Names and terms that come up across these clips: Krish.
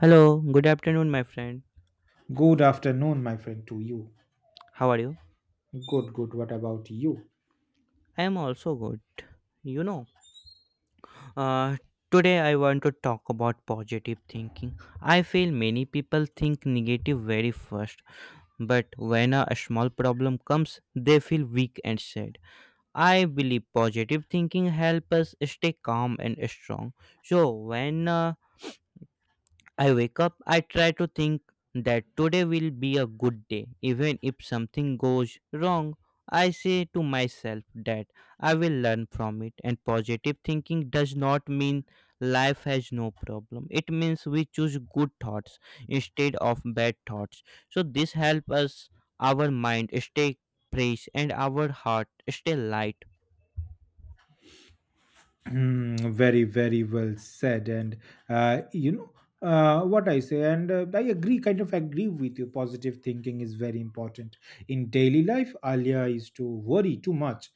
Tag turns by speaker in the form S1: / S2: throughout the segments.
S1: Hello, good afternoon, my friend.
S2: Good afternoon, my friend, to you.
S1: How are you?
S2: Good, good. What about you?
S1: I am also good. You know, uh, today I want to talk about positive thinking. I feel many people think negative very first, but when a small problem comes, they feel weak and sad. I believe positive thinking helps us stay calm and strong. So when I wake up, I try to think that today will be a good day. Even if something goes wrong, I say to myself that I will learn from it. And positive thinking does not mean life has no problem. It means we choose good thoughts instead of bad thoughts. So this helps us our mind stay fresh and our heart stay light.
S2: Hmm, very, very well said. And You know, what I say, and I kind of agree with you. Positive thinking is very important in daily life. Alia is to worry too much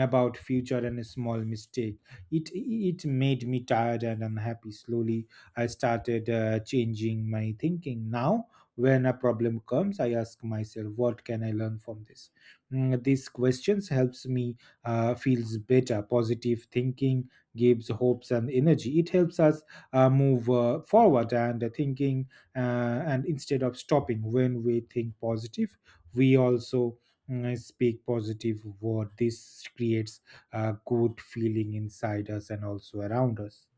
S2: about future and a small mistake. It made me tired and unhappy. Slowly, I started changing my thinking. Now, when a problem comes, I ask myself, what can I learn from this? Mm, these questions helps me feels better. Positive thinking gives hopes and energy, it helps us move forward and thinking, and instead of stopping. When we think positive, we also, mm, speak positive word. This creates a good feeling inside us and also around us.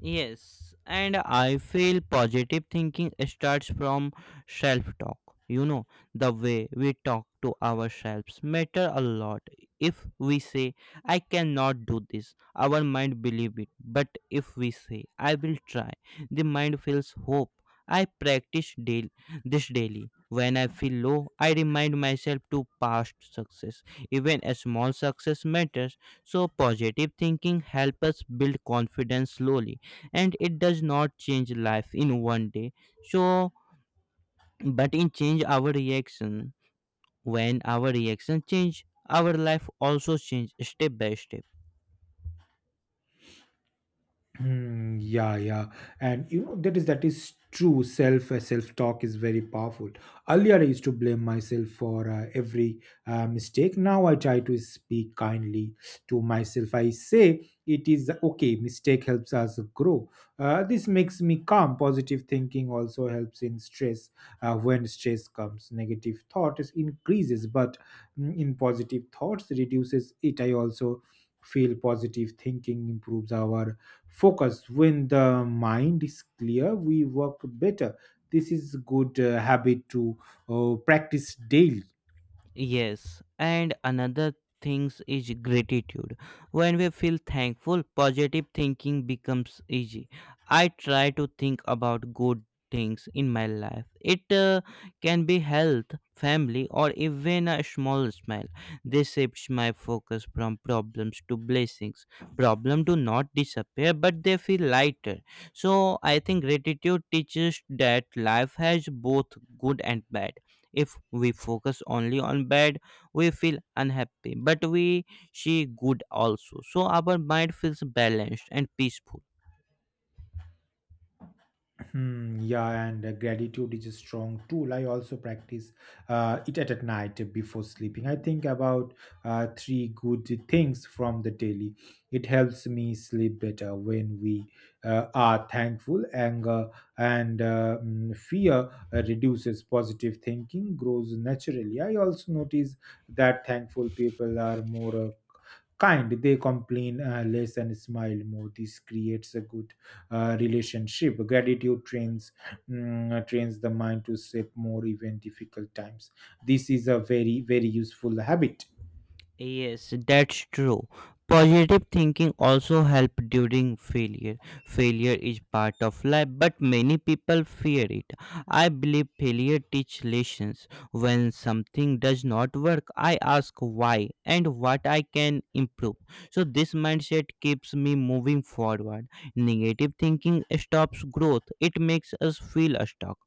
S1: Yes, and I feel positive thinking starts from self talk. You know, the way we talk to ourselves matter a lot. If we say I cannot do this, our mind believe it. But if we say I will try, the mind feels hope. I practice daily this daily. When I feel low, I remind myself to past success. Even a small success matters. So positive thinking helps us build confidence slowly, and it does not change life in one day, so but in change our reaction. When our reaction change, our life also change step by step.
S2: Hmm, yeah, yeah, and you know that is true. Self talk is very powerful. Earlier, I used to blame myself for every mistake. Now I try to speak kindly to myself. I say it is okay. Mistake helps us grow. This makes me calm. Positive thinking also helps in stress. When stress comes, negative thought is increases, but, mm, in positive thoughts reduces it. I also feel positive thinking improves our focus. When the mind is clear, we work better. This is good habit to practice daily.
S1: Yes, and another things is gratitude. When we feel thankful, positive thinking becomes easy. I try to think about good things in my life. It can be health, family, or even a small smile. This shifts my focus from problems to blessings. Problem do not disappear, but they feel lighter. So I think gratitude teaches that life has both good and bad. If we focus only on bad, we feel unhappy, but we see good also. So our mind feels balanced and peaceful.
S2: Hmm, yeah, and gratitude is a strong tool. I also practice it at night before sleeping. I think about three good things from the daily. It helps me sleep better when we are thankful. Anger and fear reduces. Positive thinking grows naturally. I also notice that thankful people are more kind. They complain less and smile more. This creates a good relationship. Gratitude trains, trains the mind to shape more even difficult times. This is a very, very useful habit.
S1: Yes, that's true. Positive thinking also help during failure. Failure is part of life, but many people fear it. I believe failure teach lessons. When something does not work, I ask why and what I can improve. So this mindset keeps me moving forward. Negative thinking stops growth. It makes us feel stuck.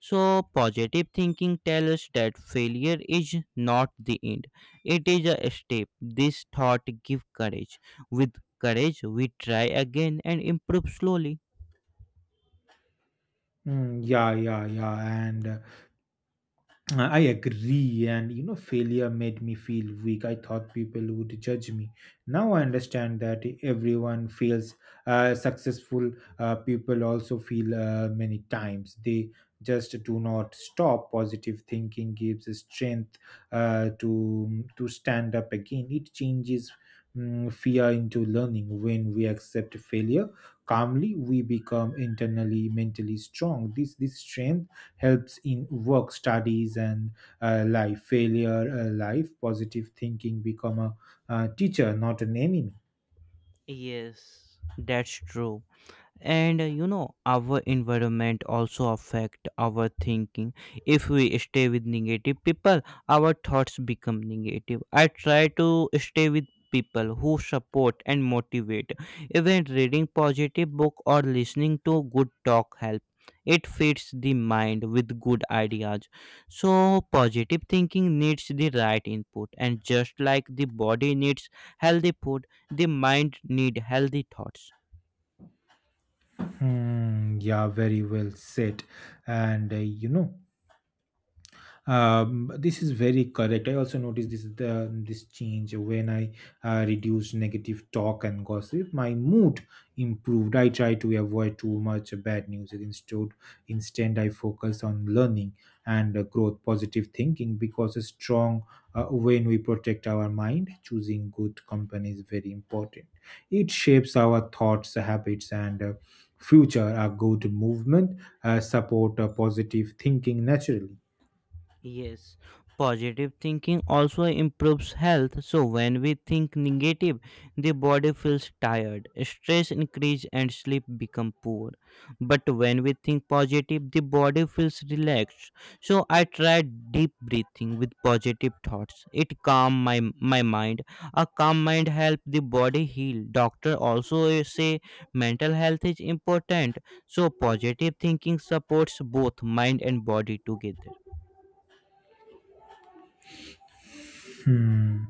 S1: So positive thinking tells us that failure is not the end, it is a step. This thought give courage. With courage, we try again and improve slowly.
S2: Mm, yeah, yeah, yeah, and I agree, and you know, failure made me feel weak. I thought people would judge me. Now I understand that everyone feels successful. People also feel many times. They just do not stop. Positive thinking gives strength to stand up again. It changes, mm, fear into learning. When we accept failure calmly, we become internally mentally strong. This strength helps in work, studies, and life. Positive thinking become a teacher, not an enemy.
S1: Yes, that's true. And our environment also affect our thinking. If we stay with negative people, our thoughts become negative. I try to stay with people who support and motivate. Even reading positive book or listening to good talk help. It feeds the mind with good ideas. So positive thinking needs the right input, and just like the body needs healthy food, the mind need healthy thoughts.
S2: Hmm, yeah, very well said. And you know, this is very correct. I also noticed this change when I reduced negative talk and gossip. My mood improved. I try to avoid too much bad news. Instead, I focus on learning and growth. Positive thinking because a strong, when we protect our mind, choosing good company is very important. It shapes our thoughts, habits, and future. A good movement support positive thinking naturally.
S1: Yes, positive thinking also improves health. So when we think negative, the body feels tired, stress increase, and sleep become poor. But when we think positive, the body feels relaxed. So I try deep breathing with positive thoughts. It calm my mind. A calm mind help the body heal. Doctor also say mental health is important. So positive thinking supports both mind and body together.
S2: Hmm.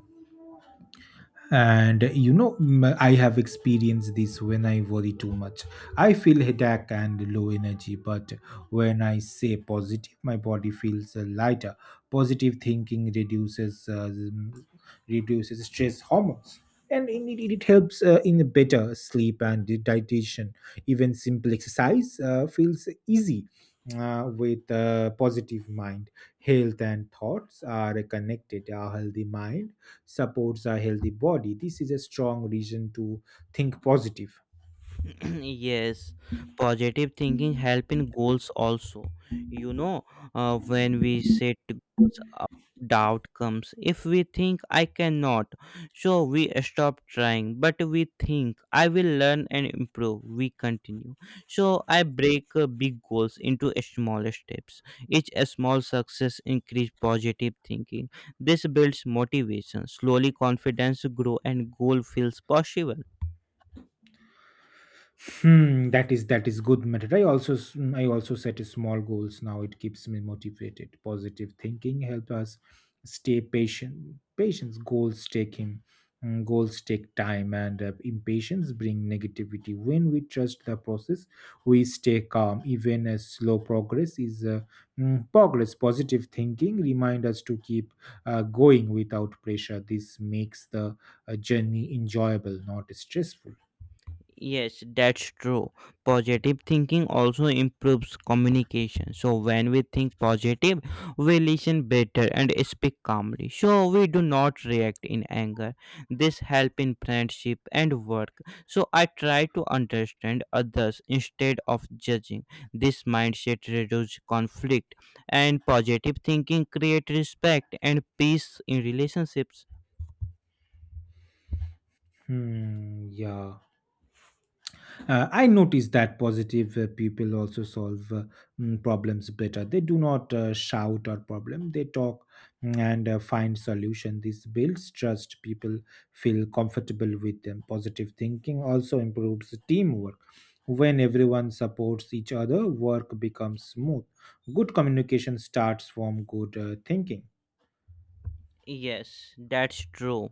S2: And you know, I have experienced this. When I worry too much, I feel headache and low energy, but when I say positive, my body feels lighter. Positive thinking reduces reduces stress hormones, and it helps in better sleep and digestion. Even simple exercise feels easy. With a positive mind, health and thoughts are connected. A healthy mind supports a healthy body. This is a strong reason to think positive.
S1: Yes, positive thinking help in goals also. You know uh, when we set goals, doubt comes. If we think I cannot, so we stop trying, but we think I will learn and improve, we continue. So I break big goals into small steps. Each small success increase positive thinking. This builds motivation slowly, confidence grow, and goal feels possible.
S2: Hmm, that is good method. I also set a small goals now. It keeps me motivated. Positive thinking help us stay patient. Patience goals take him. Mm, Goals take time, and impatience bring negativity. When we trust the process, we stay calm. Even a slow progress is, progress. Positive thinking remind us to keep going without pressure. This makes the journey enjoyable, not stressful.
S1: Yes, that's true. Positive thinking also improves communication. So, when we think positive, we listen better and speak calmly. So, we do not react in anger. This helps in friendship and work. So, I try to understand others instead of judging. This mindset reduces conflict, and positive thinking creates respect and peace in relationships.
S2: Hmm. Yeah. I noticed that positive people also solve, problems better. They do not shout or problem. They talk, mm, and find solution. This builds trust. People feel comfortable with them. Positive thinking also improves teamwork. When everyone supports each other, work becomes smooth. Good communication starts from good thinking.
S1: Yes, that's true.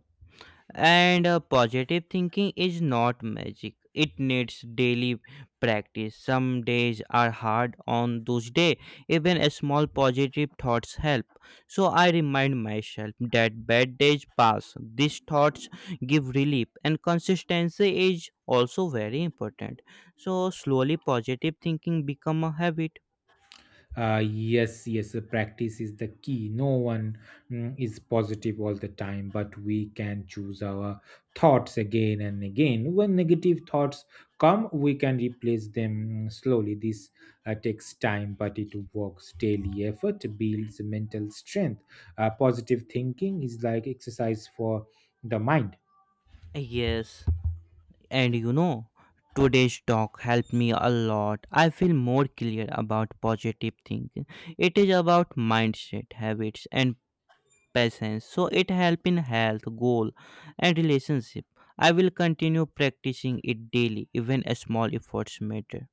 S1: And positive thinking is not magic. It needs daily practice. Some days are hard on those days. Even a small positive thoughts help. So I remind myself that bad days pass. These thoughts give relief, and consistency is also very important. So slowly positive thinking become a habit.
S2: Yes, yes, practice is the key. No one, mm, is positive all the time, but we can choose our thoughts again and again. When negative thoughts come, we can replace them, mm, slowly. This takes time, but it works. Daily effort builds mental strength. Positive thinking is like exercise for the mind.
S1: Yes. And today's talk helped me a lot. I feel more clear about positive thinking. It is about mindset, habits, and patience. So it helps in health, goal, and relationship. I will continue practicing it daily, even small efforts matter.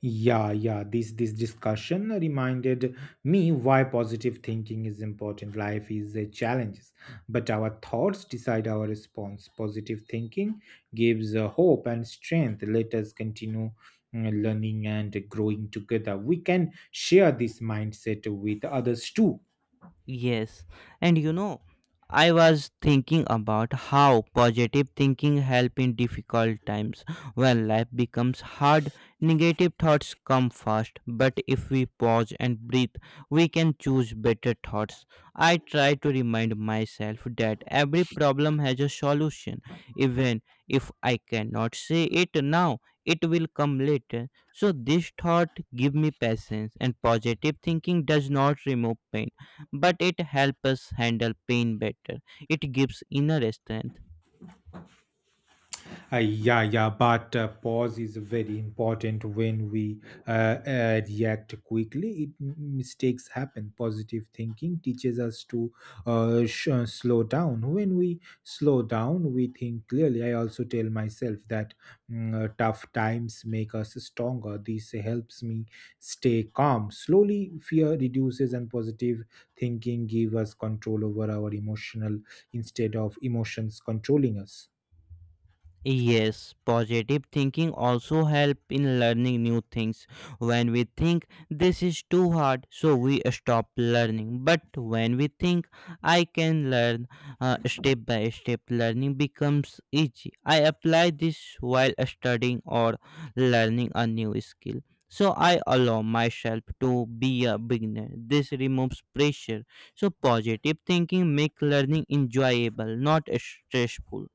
S2: Yeah, yeah. This discussion reminded me why positive thinking is important. Life is a challenge, but our thoughts decide our response. Positive thinking gives hope and strength. Let us continue learning and growing together. We can share this mindset with others too.
S1: Yes, and I was thinking about how positive thinking help in difficult times. When life becomes hard, negative thoughts come fast, but if we pause and breathe, we can choose better thoughts. I try to remind myself that every problem has a solution. Even if I cannot say it now, it will come later. So this thought give me patience, and positive thinking does not remove pain, but it helps us handle pain better. It gives inner strength.
S2: Yeah, yeah, but pause is very important. When we react quickly, it, mistakes happen. Positive thinking teaches us to slow down. When we slow down, we think clearly. I also tell myself that, tough times make us stronger. This helps me stay calm. Slowly, fear reduces, and positive thinking give us control over our emotional instead of emotions controlling us.
S1: Yes, positive thinking also help in learning new things. When we think this is too hard, so we stop learning. But when we think I can learn step by step, learning becomes easy. I apply this while studying or learning a new skill. So I allow myself to be a beginner. This removes pressure. So positive thinking make learning enjoyable, not stressful.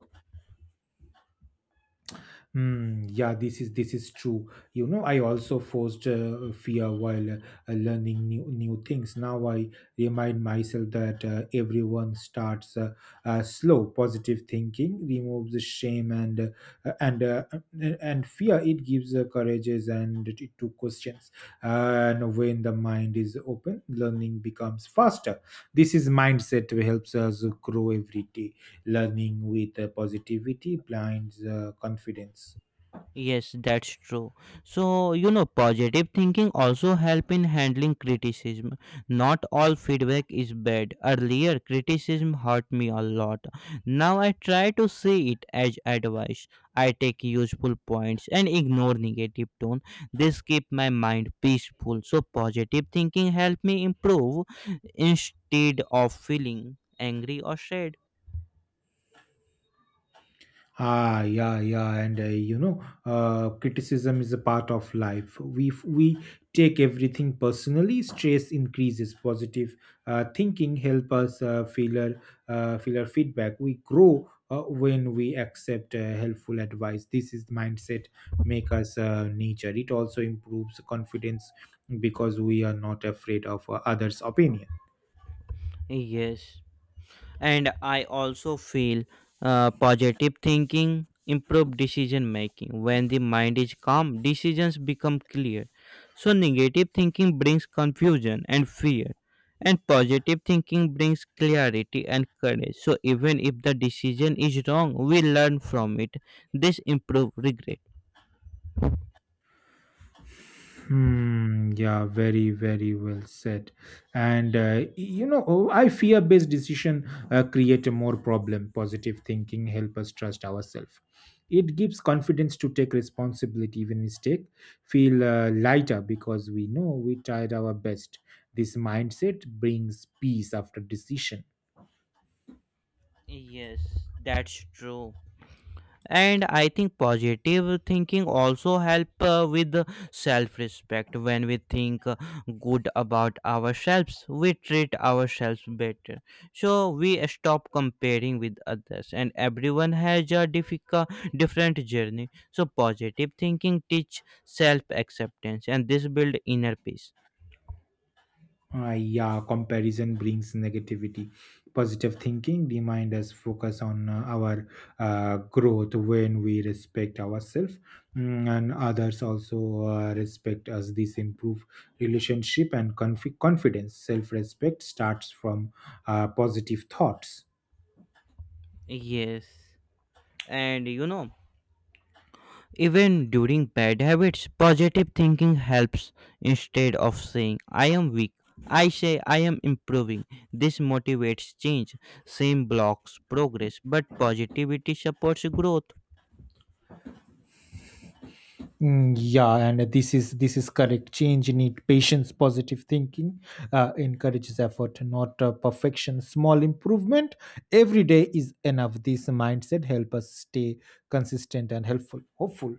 S2: Hmm, yeah, this is true. You know, I also forced fear while learning new things. Now I remind myself that everyone starts slow. Positive thinking removes the shame and uh, and uh, and fear. It gives courages and it to questions. And when the mind is open, learning becomes faster. This is mindset helps us grow every day. Learning with positivity blinds confidence.
S1: Yes, that's true. So, positive thinking also help in handling criticism. Not all feedback is bad. Earlier, criticism hurt me a lot. Now I try to see it as advice. I take useful points and ignore negative tone. This keep my mind peaceful. So, positive thinking help me improve instead of feeling angry or sad.
S2: Ah, yeah, yeah, and you know, criticism is a part of life. We If we take everything personally, stress increases. Positive thinking help us feel our feedback. We grow when we accept helpful advice. This is mindset make us nature. It also improves confidence because we are not afraid of others' opinion.
S1: Yes. And I also feel positive thinking improve decision making. When the mind is calm, decisions become clear. So negative thinking brings confusion and fear, and positive thinking brings clarity and courage. So even if the decision is wrong, we learn from it. This improve regret.
S2: Hmm, yeah, very, very well said. And you know, oh, I fear-based decision create a more problem. Positive thinking help us trust ourselves. It gives confidence to take responsibility even mistake. Feel lighter because we know we tried our best. This mindset brings peace after decision.
S1: Yes, that's true. And I think positive thinking also help with self respect. When we think good about ourselves, we treat ourselves better. So we stop comparing with others, and everyone has a different journey. So positive thinking teach self acceptance, and this build inner peace.
S2: Yeah, comparison brings negativity. Positive thinking remind us focus on our growth. When we respect ourselves, mm, and others also respect us. This improve relationship and confidence. Self respect starts from positive thoughts.
S1: Yes, and even during bad habits, positive thinking helps. Instead of saying, I am weak, I say, I am improving. This motivates change. Same blocks progress, but positivity supports growth.
S2: Mm, yeah, and this is correct. Change need patience. Positive thinking encourages effort, not perfection. Small improvement every day is enough. This mindset help us stay consistent and helpful hopeful.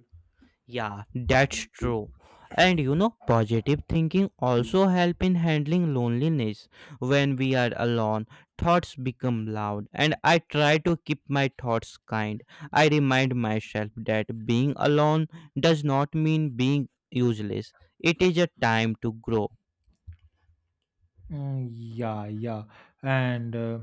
S1: Yeah, that's true. And positive thinking also help in handling loneliness. When we are alone, thoughts become loud, and I try to keep my thoughts kind. I remind myself that being alone does not mean being useless. It is a time to grow.
S2: Mm, yeah, yeah, and uh,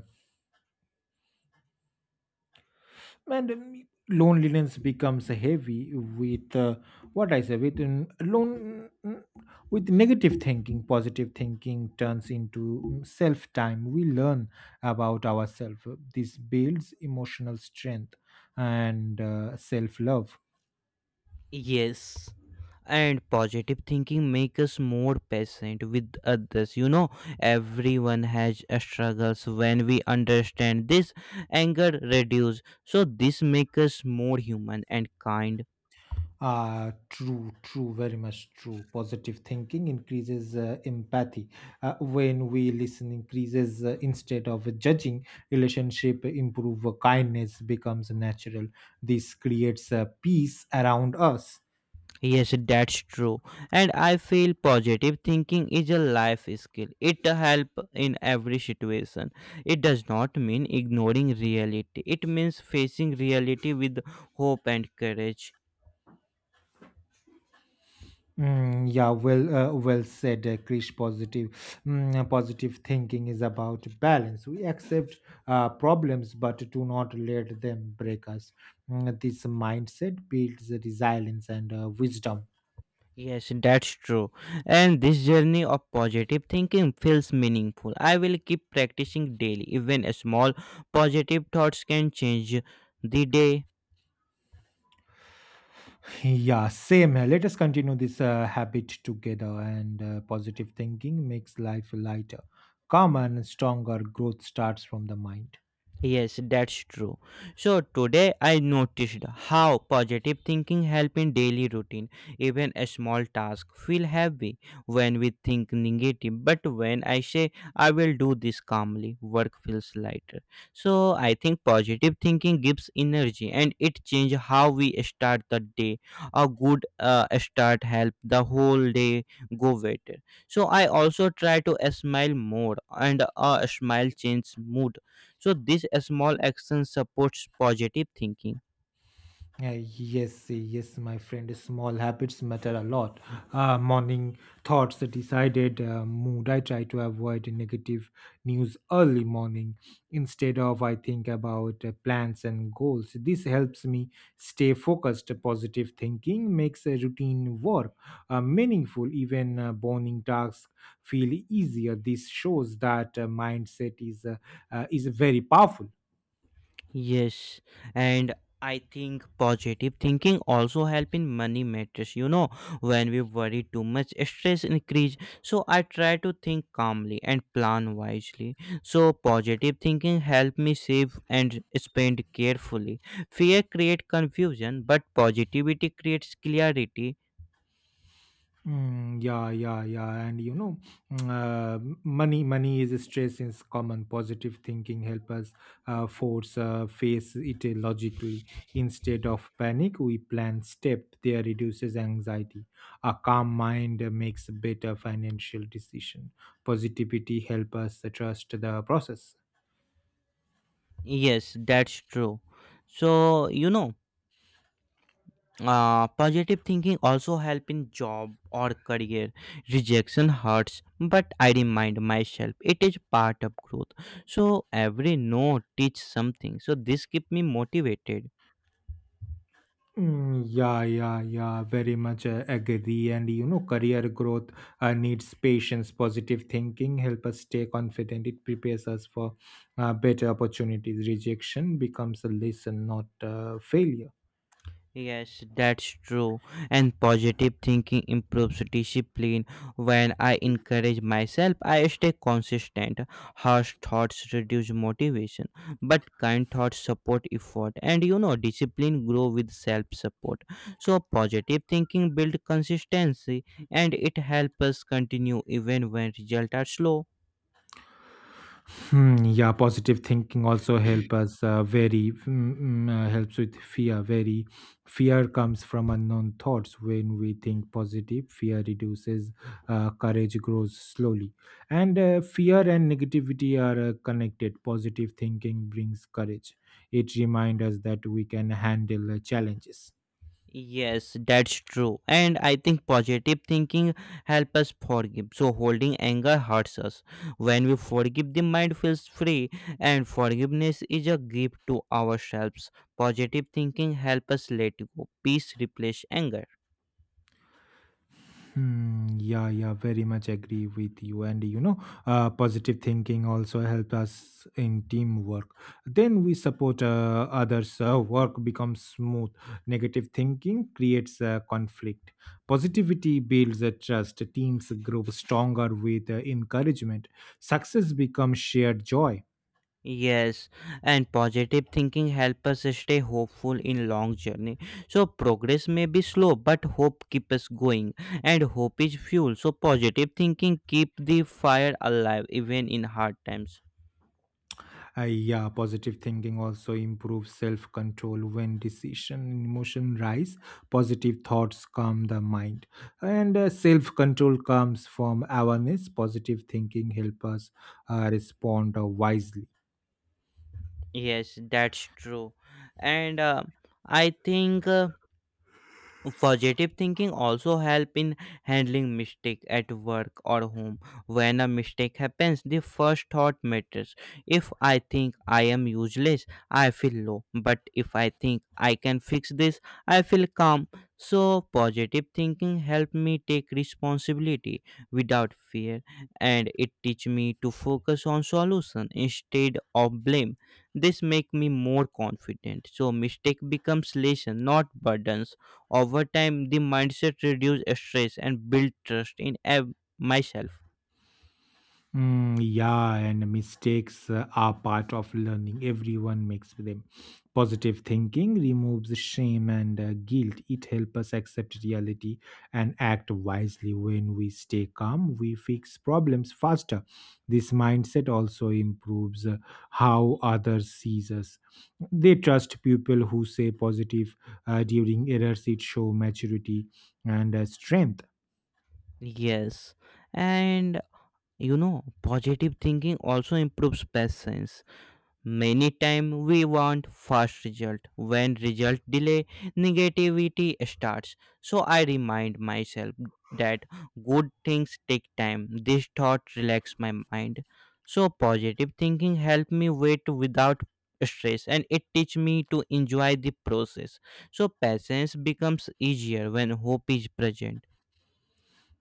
S2: and loneliness becomes heavy with, what I say with lone mm, with negative thinking. Positive thinking turns into self time. We learn about ourselves. This builds emotional strength and self love.
S1: Yes. And positive thinking makes us more patient with others. Everyone has a struggles. When we understand this, anger reduce. So this makes us more human and kind.
S2: True, true, very much true. Positive thinking increases empathy. When we listen, increases instead of judging, relationship improve. Kindness becomes natural. This creates peace around us.
S1: Yes, that's true. And I feel positive thinking is a life skill. It help in every situation. It does not mean ignoring reality. It means facing reality with hope and courage.
S2: Mm, yeah, well, well said, Krish. Positive, positive thinking is about balance. We accept problems, but do not let them break us. Mm, this mindset builds resilience and wisdom.
S1: Yes, that's true. And this journey of positive thinking feels meaningful. I will keep practicing daily. Even small positive thoughts can change the day.
S2: Yeah, same here. Let us continue this habit together, and positive thinking makes life lighter, calmer, and stronger. Growth starts from the mind.
S1: Yes, that's true. So today I noticed how positive thinking help in daily routine. Even a small task feel heavy when we think negative, but when I say I will do this calmly, work feels lighter. So I think positive thinking gives energy, and it change how we start the day. A good start help the whole day go better. So I also try to smile more, and a smile change mood, so this small action supports positive thinking.
S2: Yes, yes, my friend. Small habits matter a lot. Morning thoughts, decided mood. I try to avoid negative news early morning. Instead of, I think about plans and goals. This helps me stay focused. Positive thinking makes a routine work meaningful. Even boring tasks feel easier. This shows that mindset is very powerful.
S1: Yes, and I think positive thinking also help in money matters. When we worry too much, stress increase. So I try to think calmly and plan wisely. So positive thinking help me save and spend carefully. Fear create confusion, but positivity creates clarity.
S2: Mm, yeah, yeah, yeah, and you know, money is stress is common. Positive thinking help us force face it logically instead of panic. We plan step. There reduces anxiety. A calm mind makes better financial decision. Positivity help us trust the process.
S1: Yes, that's true. So positive thinking also help in job or career. Rejection hurts, but I remind myself it is part of growth. So every no teach something, so this keep me motivated.
S2: Mm, yeah, yeah, yeah, very much agree. And you know, career growth needs patience. Positive thinking help us stay confident. It prepares us for better opportunities. Rejection becomes a lesson, not a failure.
S1: Yes, that's true. And positive thinking improves discipline. When I encourage myself, I stay consistent. Harsh thoughts reduce motivation, but kind thoughts support effort. And discipline grow with self-support. So positive thinking build consistency, and it helps us continue even when results are slow.
S2: Hmm, yeah, positive thinking also help us helps with fear. Very Fear comes from unknown thoughts. When we think positive, fear reduces. Courage grows slowly, and fear and negativity are connected. Positive thinking brings courage. It reminds us that we can handle challenges.
S1: Yes, that's true. And I think positive thinking helps us forgive. So holding anger hurts us. When we forgive, the mind feels free, and forgiveness is a gift to ourselves. Positive thinking helps us let go. Peace replace anger.
S2: Hmm, yeah, yeah, very much agree with you. And you know, positive thinking also helps us in teamwork. Then we support others, work becomes smooth. Negative thinking creates conflict. Positivity builds a trust. Teams grow stronger with encouragement. Success becomes shared joy.
S1: Yes, and positive thinking help us stay hopeful in long journey. So progress may be slow, but hope keep us going, and hope is fuel. So positive thinking keep the fire alive even in hard times.
S2: Yeah, positive thinking also improves self control when decision and emotion rise. Positive thoughts calm the mind, and self control comes from awareness. Positive thinking help us respond wisely.
S1: Yes, that's true, and I think. Positive thinking also help in handling mistake at work or home. When a mistake happens, the first thought matters. If I think I am useless, I feel low. But if I think I can fix this, I feel calm. So positive thinking help me take responsibility without fear, and it teach me to focus on solution instead of blame. This make me more confident. So mistake becomes lesson, not burdens. Over time, the mindset reduce stress and build trust in myself.
S2: Mm, yeah, and mistakes are part of learning. Everyone makes them. Positive thinking removes shame and guilt. It helps us accept reality and act wisely. When we stay calm, we fix problems faster. This mindset also improves how others sees us. They trust people who say positive during errors. It show maturity and strength.
S1: Yes, and positive thinking also improves patience. Many time we want fast result. When result delay, negativity starts. So I remind myself that good things take time. This thought relax my mind. So positive thinking help me wait without stress, and it teach me to enjoy the process. So patience becomes easier when hope is present.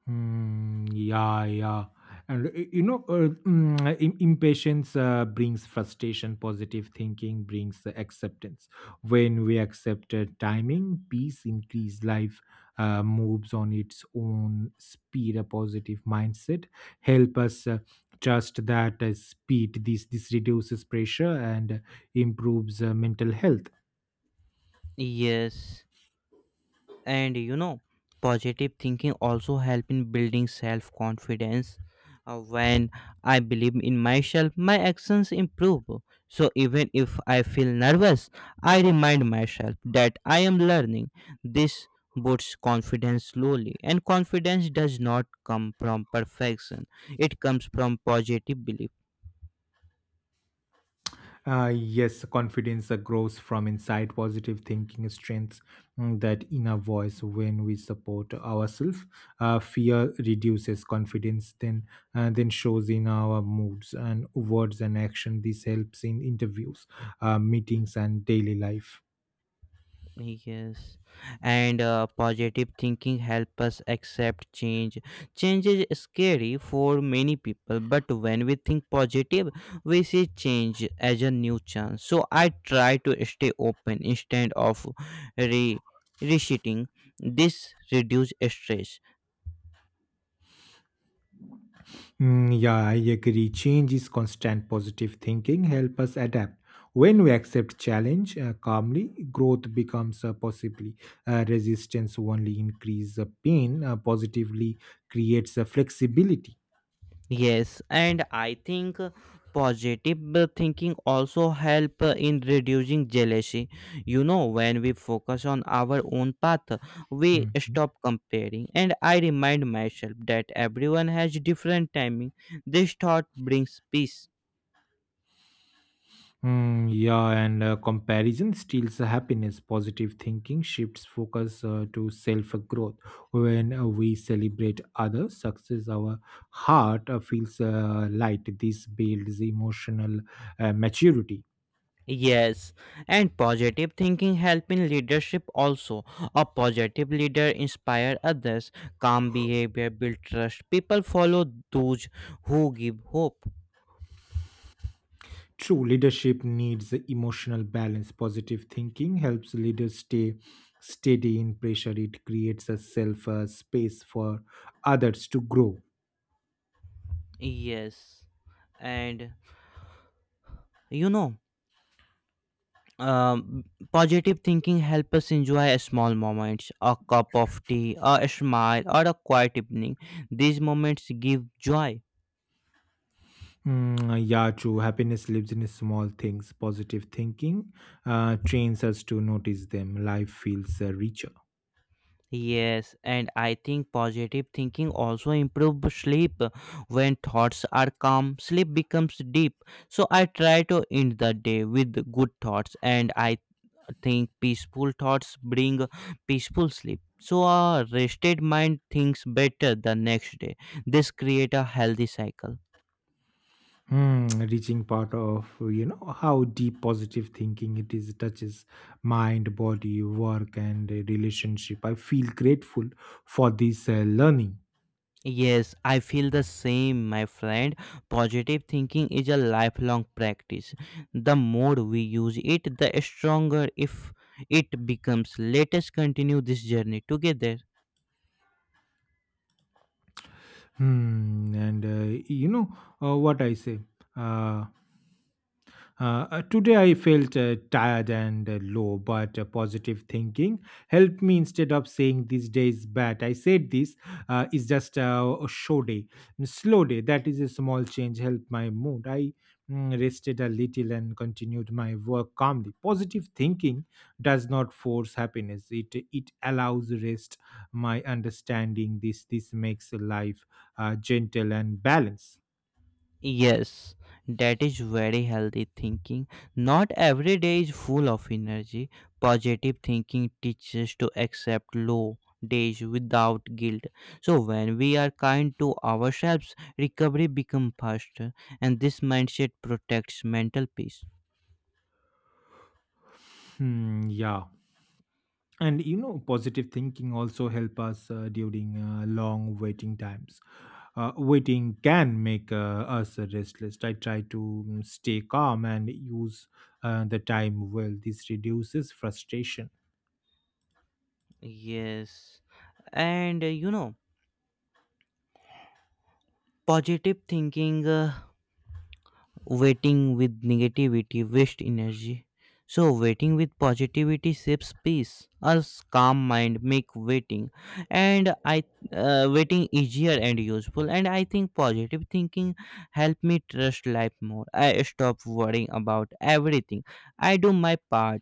S2: Mm, yeah, yeah. And impatience brings frustration, positive thinking brings acceptance. When we accept timing, peace increase, life moves on its own speed. A positive mindset help us trust that speed. This reduces pressure and improves mental health.
S1: Yes. And you know positive thinking also help in building self confidence When I believe in myself, my actions improve. So even if I feel nervous, I remind myself that I am learning. This boosts confidence slowly, and confidence does not come from perfection, it comes from positive belief.
S2: Yes, confidence grows from inside positive thinking strengths that inner voice when we support ourselves. Fear reduces confidence, then shows in our moods and words and action. This helps in interviews, meetings, and daily life.
S1: Yes, and positive thinking help us accept change. Change is scary for many people, but when we think positive, we see change as a new chance. So I try to stay open instead of re- resetting. This reduce stress.
S2: Mm, yeah, I agree. Change is constant positive thinking. Help us adapt. When we accept challenge calmly, growth becomes possibly. Resistance only increase the pain. Positively creates a flexibility.
S1: Yes, and I think positive thinking also help in reducing jealousy. You know, when we focus on our own path, we
S2: Hmm.
S1: stop comparing. And I remind myself that everyone has different timing. This thought brings peace.
S2: Mm, yeah, and comparison steals the happiness. Positive thinking shifts focus to self growth. When we celebrate others' success, our heart feels light. This builds emotional maturity.
S1: Yes, and positive thinking help in leadership also. A positive leader inspire others. Calm behavior build trust. People follow those who give hope.
S2: True leadership needs emotional balance. Positive thinking helps leaders stay steady in pressure. It creates a self space for others to grow.
S1: Yes. And you know um, positive thinking helps us enjoy small moments a cup of tea a smile or a quiet evening these moments give joy
S2: Mm, yeah, true. Happiness lives in small things. Positive thinking trains us to notice them. Life feels richer.
S1: yes and I think positive thinking also improves sleep. When thoughts are calm, sleep becomes deep. So I try to end the day with good thoughts, and I think peaceful thoughts bring peaceful sleep. So a rested mind thinks better the next day. This create a healthy cycle.
S2: Mm, reaching part of you know how deep positive thinking it is touches mind, body, work, and relationship. I feel grateful for this learning.
S1: Yes, I feel the same, my friend. Positive thinking is a lifelong practice. The more we use it, the stronger if it becomes. Let us continue this journey together.
S2: Hmm, and you know what I say. Uh, uh, Today I felt tired and low, but positive thinking helped me instead of saying this day is bad. I said this is just a show day, a slow day. That is a small change helped my mood. I rested a little and continued my work calmly. Positive thinking does not force happiness. It allows rest. My understanding this makes life gentle and balanced.
S1: Yes, that is very healthy thinking. Not every day is full of energy. Positive thinking teaches to accept low days without guilt. So when we are kind to ourselves, recovery becomes faster, and this mindset protects mental peace.
S2: Hmm, yeah. And you know, positive thinking also help us during long waiting times. Waiting can make us restless. I try to stay calm and use the time well. This reduces frustration.
S1: Yes. And positive thinking, waiting with negativity wastes energy. So waiting with positivity saves peace. A calm mind make waiting, and I waiting easier and useful. And I think positive thinking help me trust life more. I stop worrying about everything. I do my part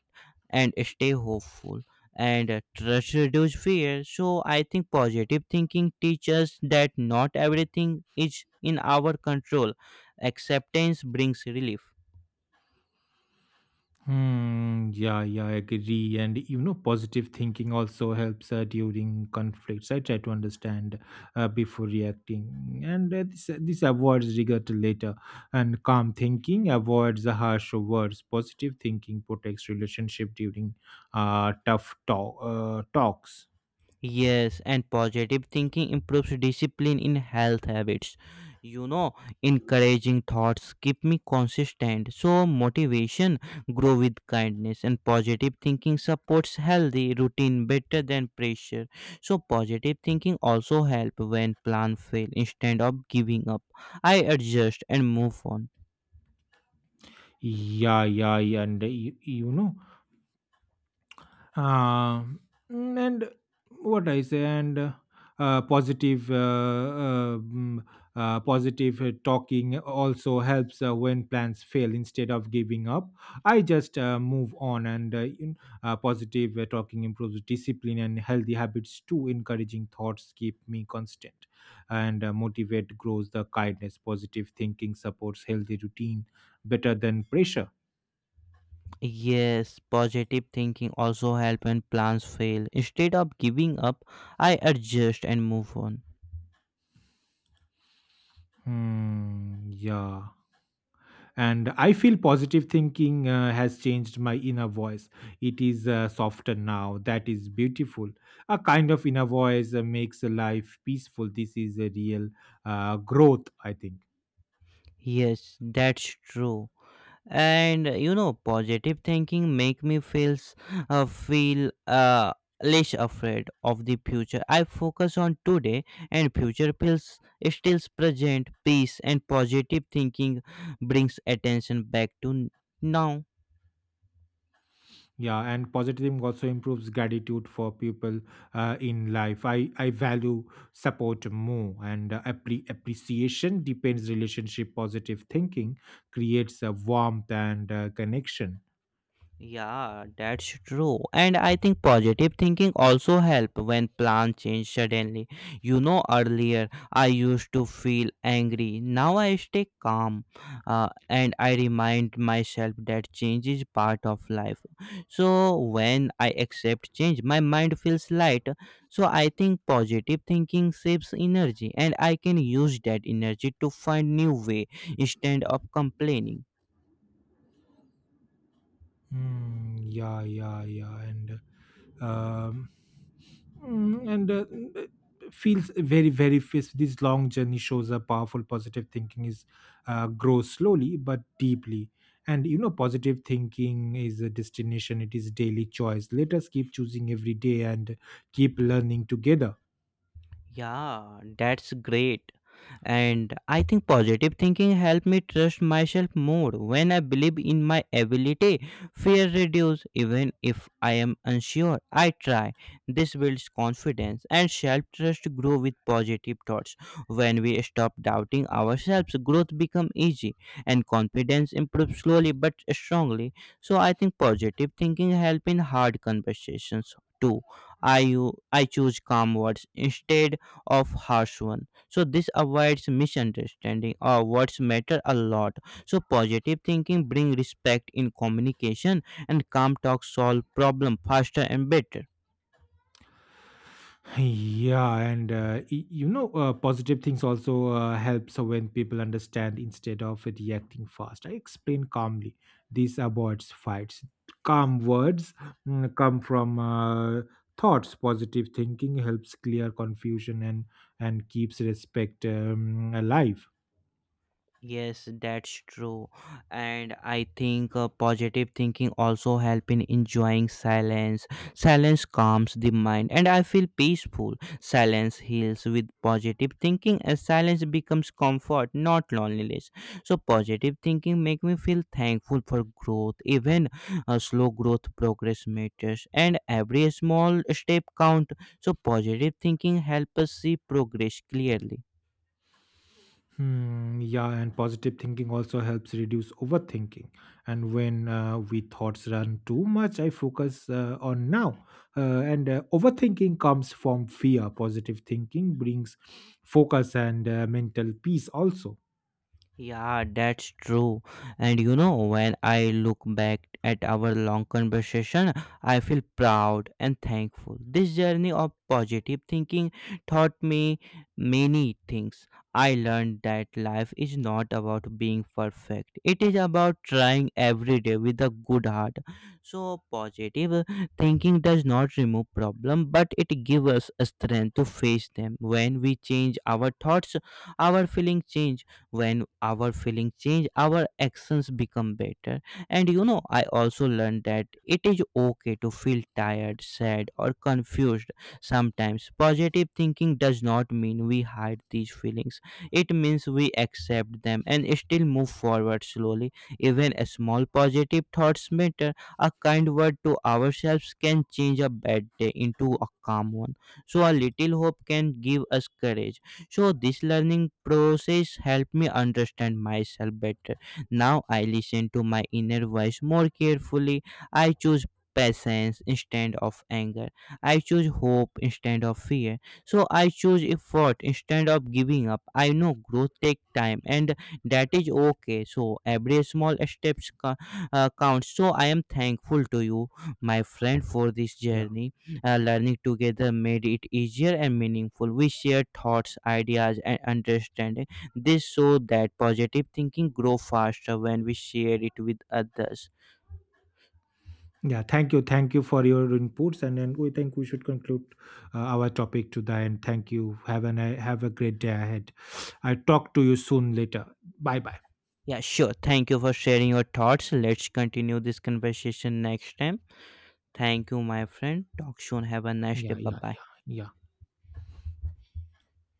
S1: and stay hopeful, and trust reduce fear. So I think positive thinking teaches that not everything is in our control. Acceptance brings relief.
S2: Hmm, yeah, yeah, I agree. And you know, positive thinking also helps during conflicts. I try to understand before reacting, and this avoids regret later. And calm thinking avoids the harsh words. Positive thinking protects relationship during talks.
S1: Yes, and positive thinking improves discipline in health habits. You know, encouraging thoughts keep me consistent. So motivation grow with kindness, and positive thinking supports healthy routine better than pressure. So positive thinking also help when plan fail. Instead of giving up, I adjust and move on.
S2: Yeah, yeah, yeah, and you know, Um, mm, and what I say, and positive, mm, positive talking also helps when plans fail. Instead of giving up, I just move on, and positive talking improves discipline and healthy habits too. Encouraging thoughts keep me constant, and motivate grows the kindness. Positive thinking supports healthy routine better than pressure.
S1: Yes, positive thinking also help when plans fail. Instead of giving up, I adjust and move on.
S2: Hmm, yeah. And I feel positive thinking has changed my inner voice. It is softer now. That is beautiful. A kind of inner voice makes life peaceful. This is a real growth, I think.
S1: Yes, that's true. And you know, positive thinking make me feel less afraid of the future. I focus on today, and future feels still present. Peace and positive thinking brings attention back to now.
S2: Yeah, and positivism also improves gratitude for people in life. I value support more and appreciation depends relationship. Positive thinking creates a warmth and connection.
S1: Yeah, that's true. And I think positive thinking also help when plans change suddenly. You know, earlier I used to feel angry. Now I stay calm, and I remind myself that change is part of life. So when I accept change, my mind feels light. So I think positive thinking saves energy, and I can use that energy to find new way instead of complaining.
S2: Mm, yeah, yeah, yeah, and um, mm, and uh, mm, feels very, very fierce. This long journey shows a powerful positive thinking is grows slowly but deeply. And you know, positive thinking is a destination. It is daily choice. Let us keep choosing every day and keep learning together.
S1: Yeah, that's great. And I think positive thinking helped me trust myself more. When I believe in my ability, fear reduces. Even if I am unsure, I try. This builds confidence, and self trust grow with positive thoughts. When we stop doubting ourselves, growth becomes easy, and confidence improves slowly but strongly. So I think positive thinking help in hard conversations too. I choose calm words instead of harsh one, so this avoids misunderstanding or words matter a lot. So positive thinking bring respect in communication, and calm talk solve problem faster and better.
S2: Yeah, and you know, positive things also helps so when people understand instead of reacting fast. I explain calmly. This avoids fights. Calm words come from thoughts. Positive thinking helps clear confusion and keeps respect alive.
S1: Yes, that's true. And I think positive thinking also help in enjoying silence. Silence calms the mind and I feel peaceful. Silence heals with positive thinking, as silence becomes comfort, not loneliness. So positive thinking make me feel thankful for growth. Even slow growth, progress matters and every small step count. So positive thinking help us see progress clearly.
S2: Hmm, yeah, and positive thinking also helps reduce overthinking. And when we thoughts run too much, I focus on now. And Overthinking comes from fear. Positive thinking brings focus and mental peace also.
S1: Yeah, that's true. And you know, when I look back at our long conversation, I feel proud and thankful. This journey of positive thinking taught me many things. I learned that life is not about being perfect, it is about trying every day with a good heart. So, positive thinking does not remove problem, but it gives us strength to face them. When we change our thoughts, our feeling change. When our feeling change, our actions become better. And you know, I also learned that it is okay to feel tired, sad, or confused sometimes. Positive thinking does not mean we hide these feelings, it means we accept them and still move forward slowly. Even a small positive thoughts matter. A kind word to ourselves can change a bad day into a calm one. So a little hope can give us courage. So this learning process helped me understand myself better. Now I listen to my inner voice more carefully. I choose patience instead of anger. I choose hope instead of fear. So I choose effort instead of giving up. I know growth takes time, and that is okay. So every small steps counts. So I am thankful to you, my friend, for this
S2: Yeah.
S1: journey. Learning together made it easier and meaningful. We share thoughts, ideas, and understanding. This showed that positive thinking grow faster when we share it with others.
S2: Yeah, thank you. Thank you for your inputs, and then we think we should conclude our topic to the end. Thank you. Have an have a great day ahead. I talk to you soon later. Bye bye.
S1: Yeah, sure. Thank you for sharing your thoughts. Let's continue this conversation next time. Thank you, my friend. Talk soon. Have a nice day.
S2: Yeah,
S1: Bye
S2: yeah,
S1: bye.
S2: yeah, yeah.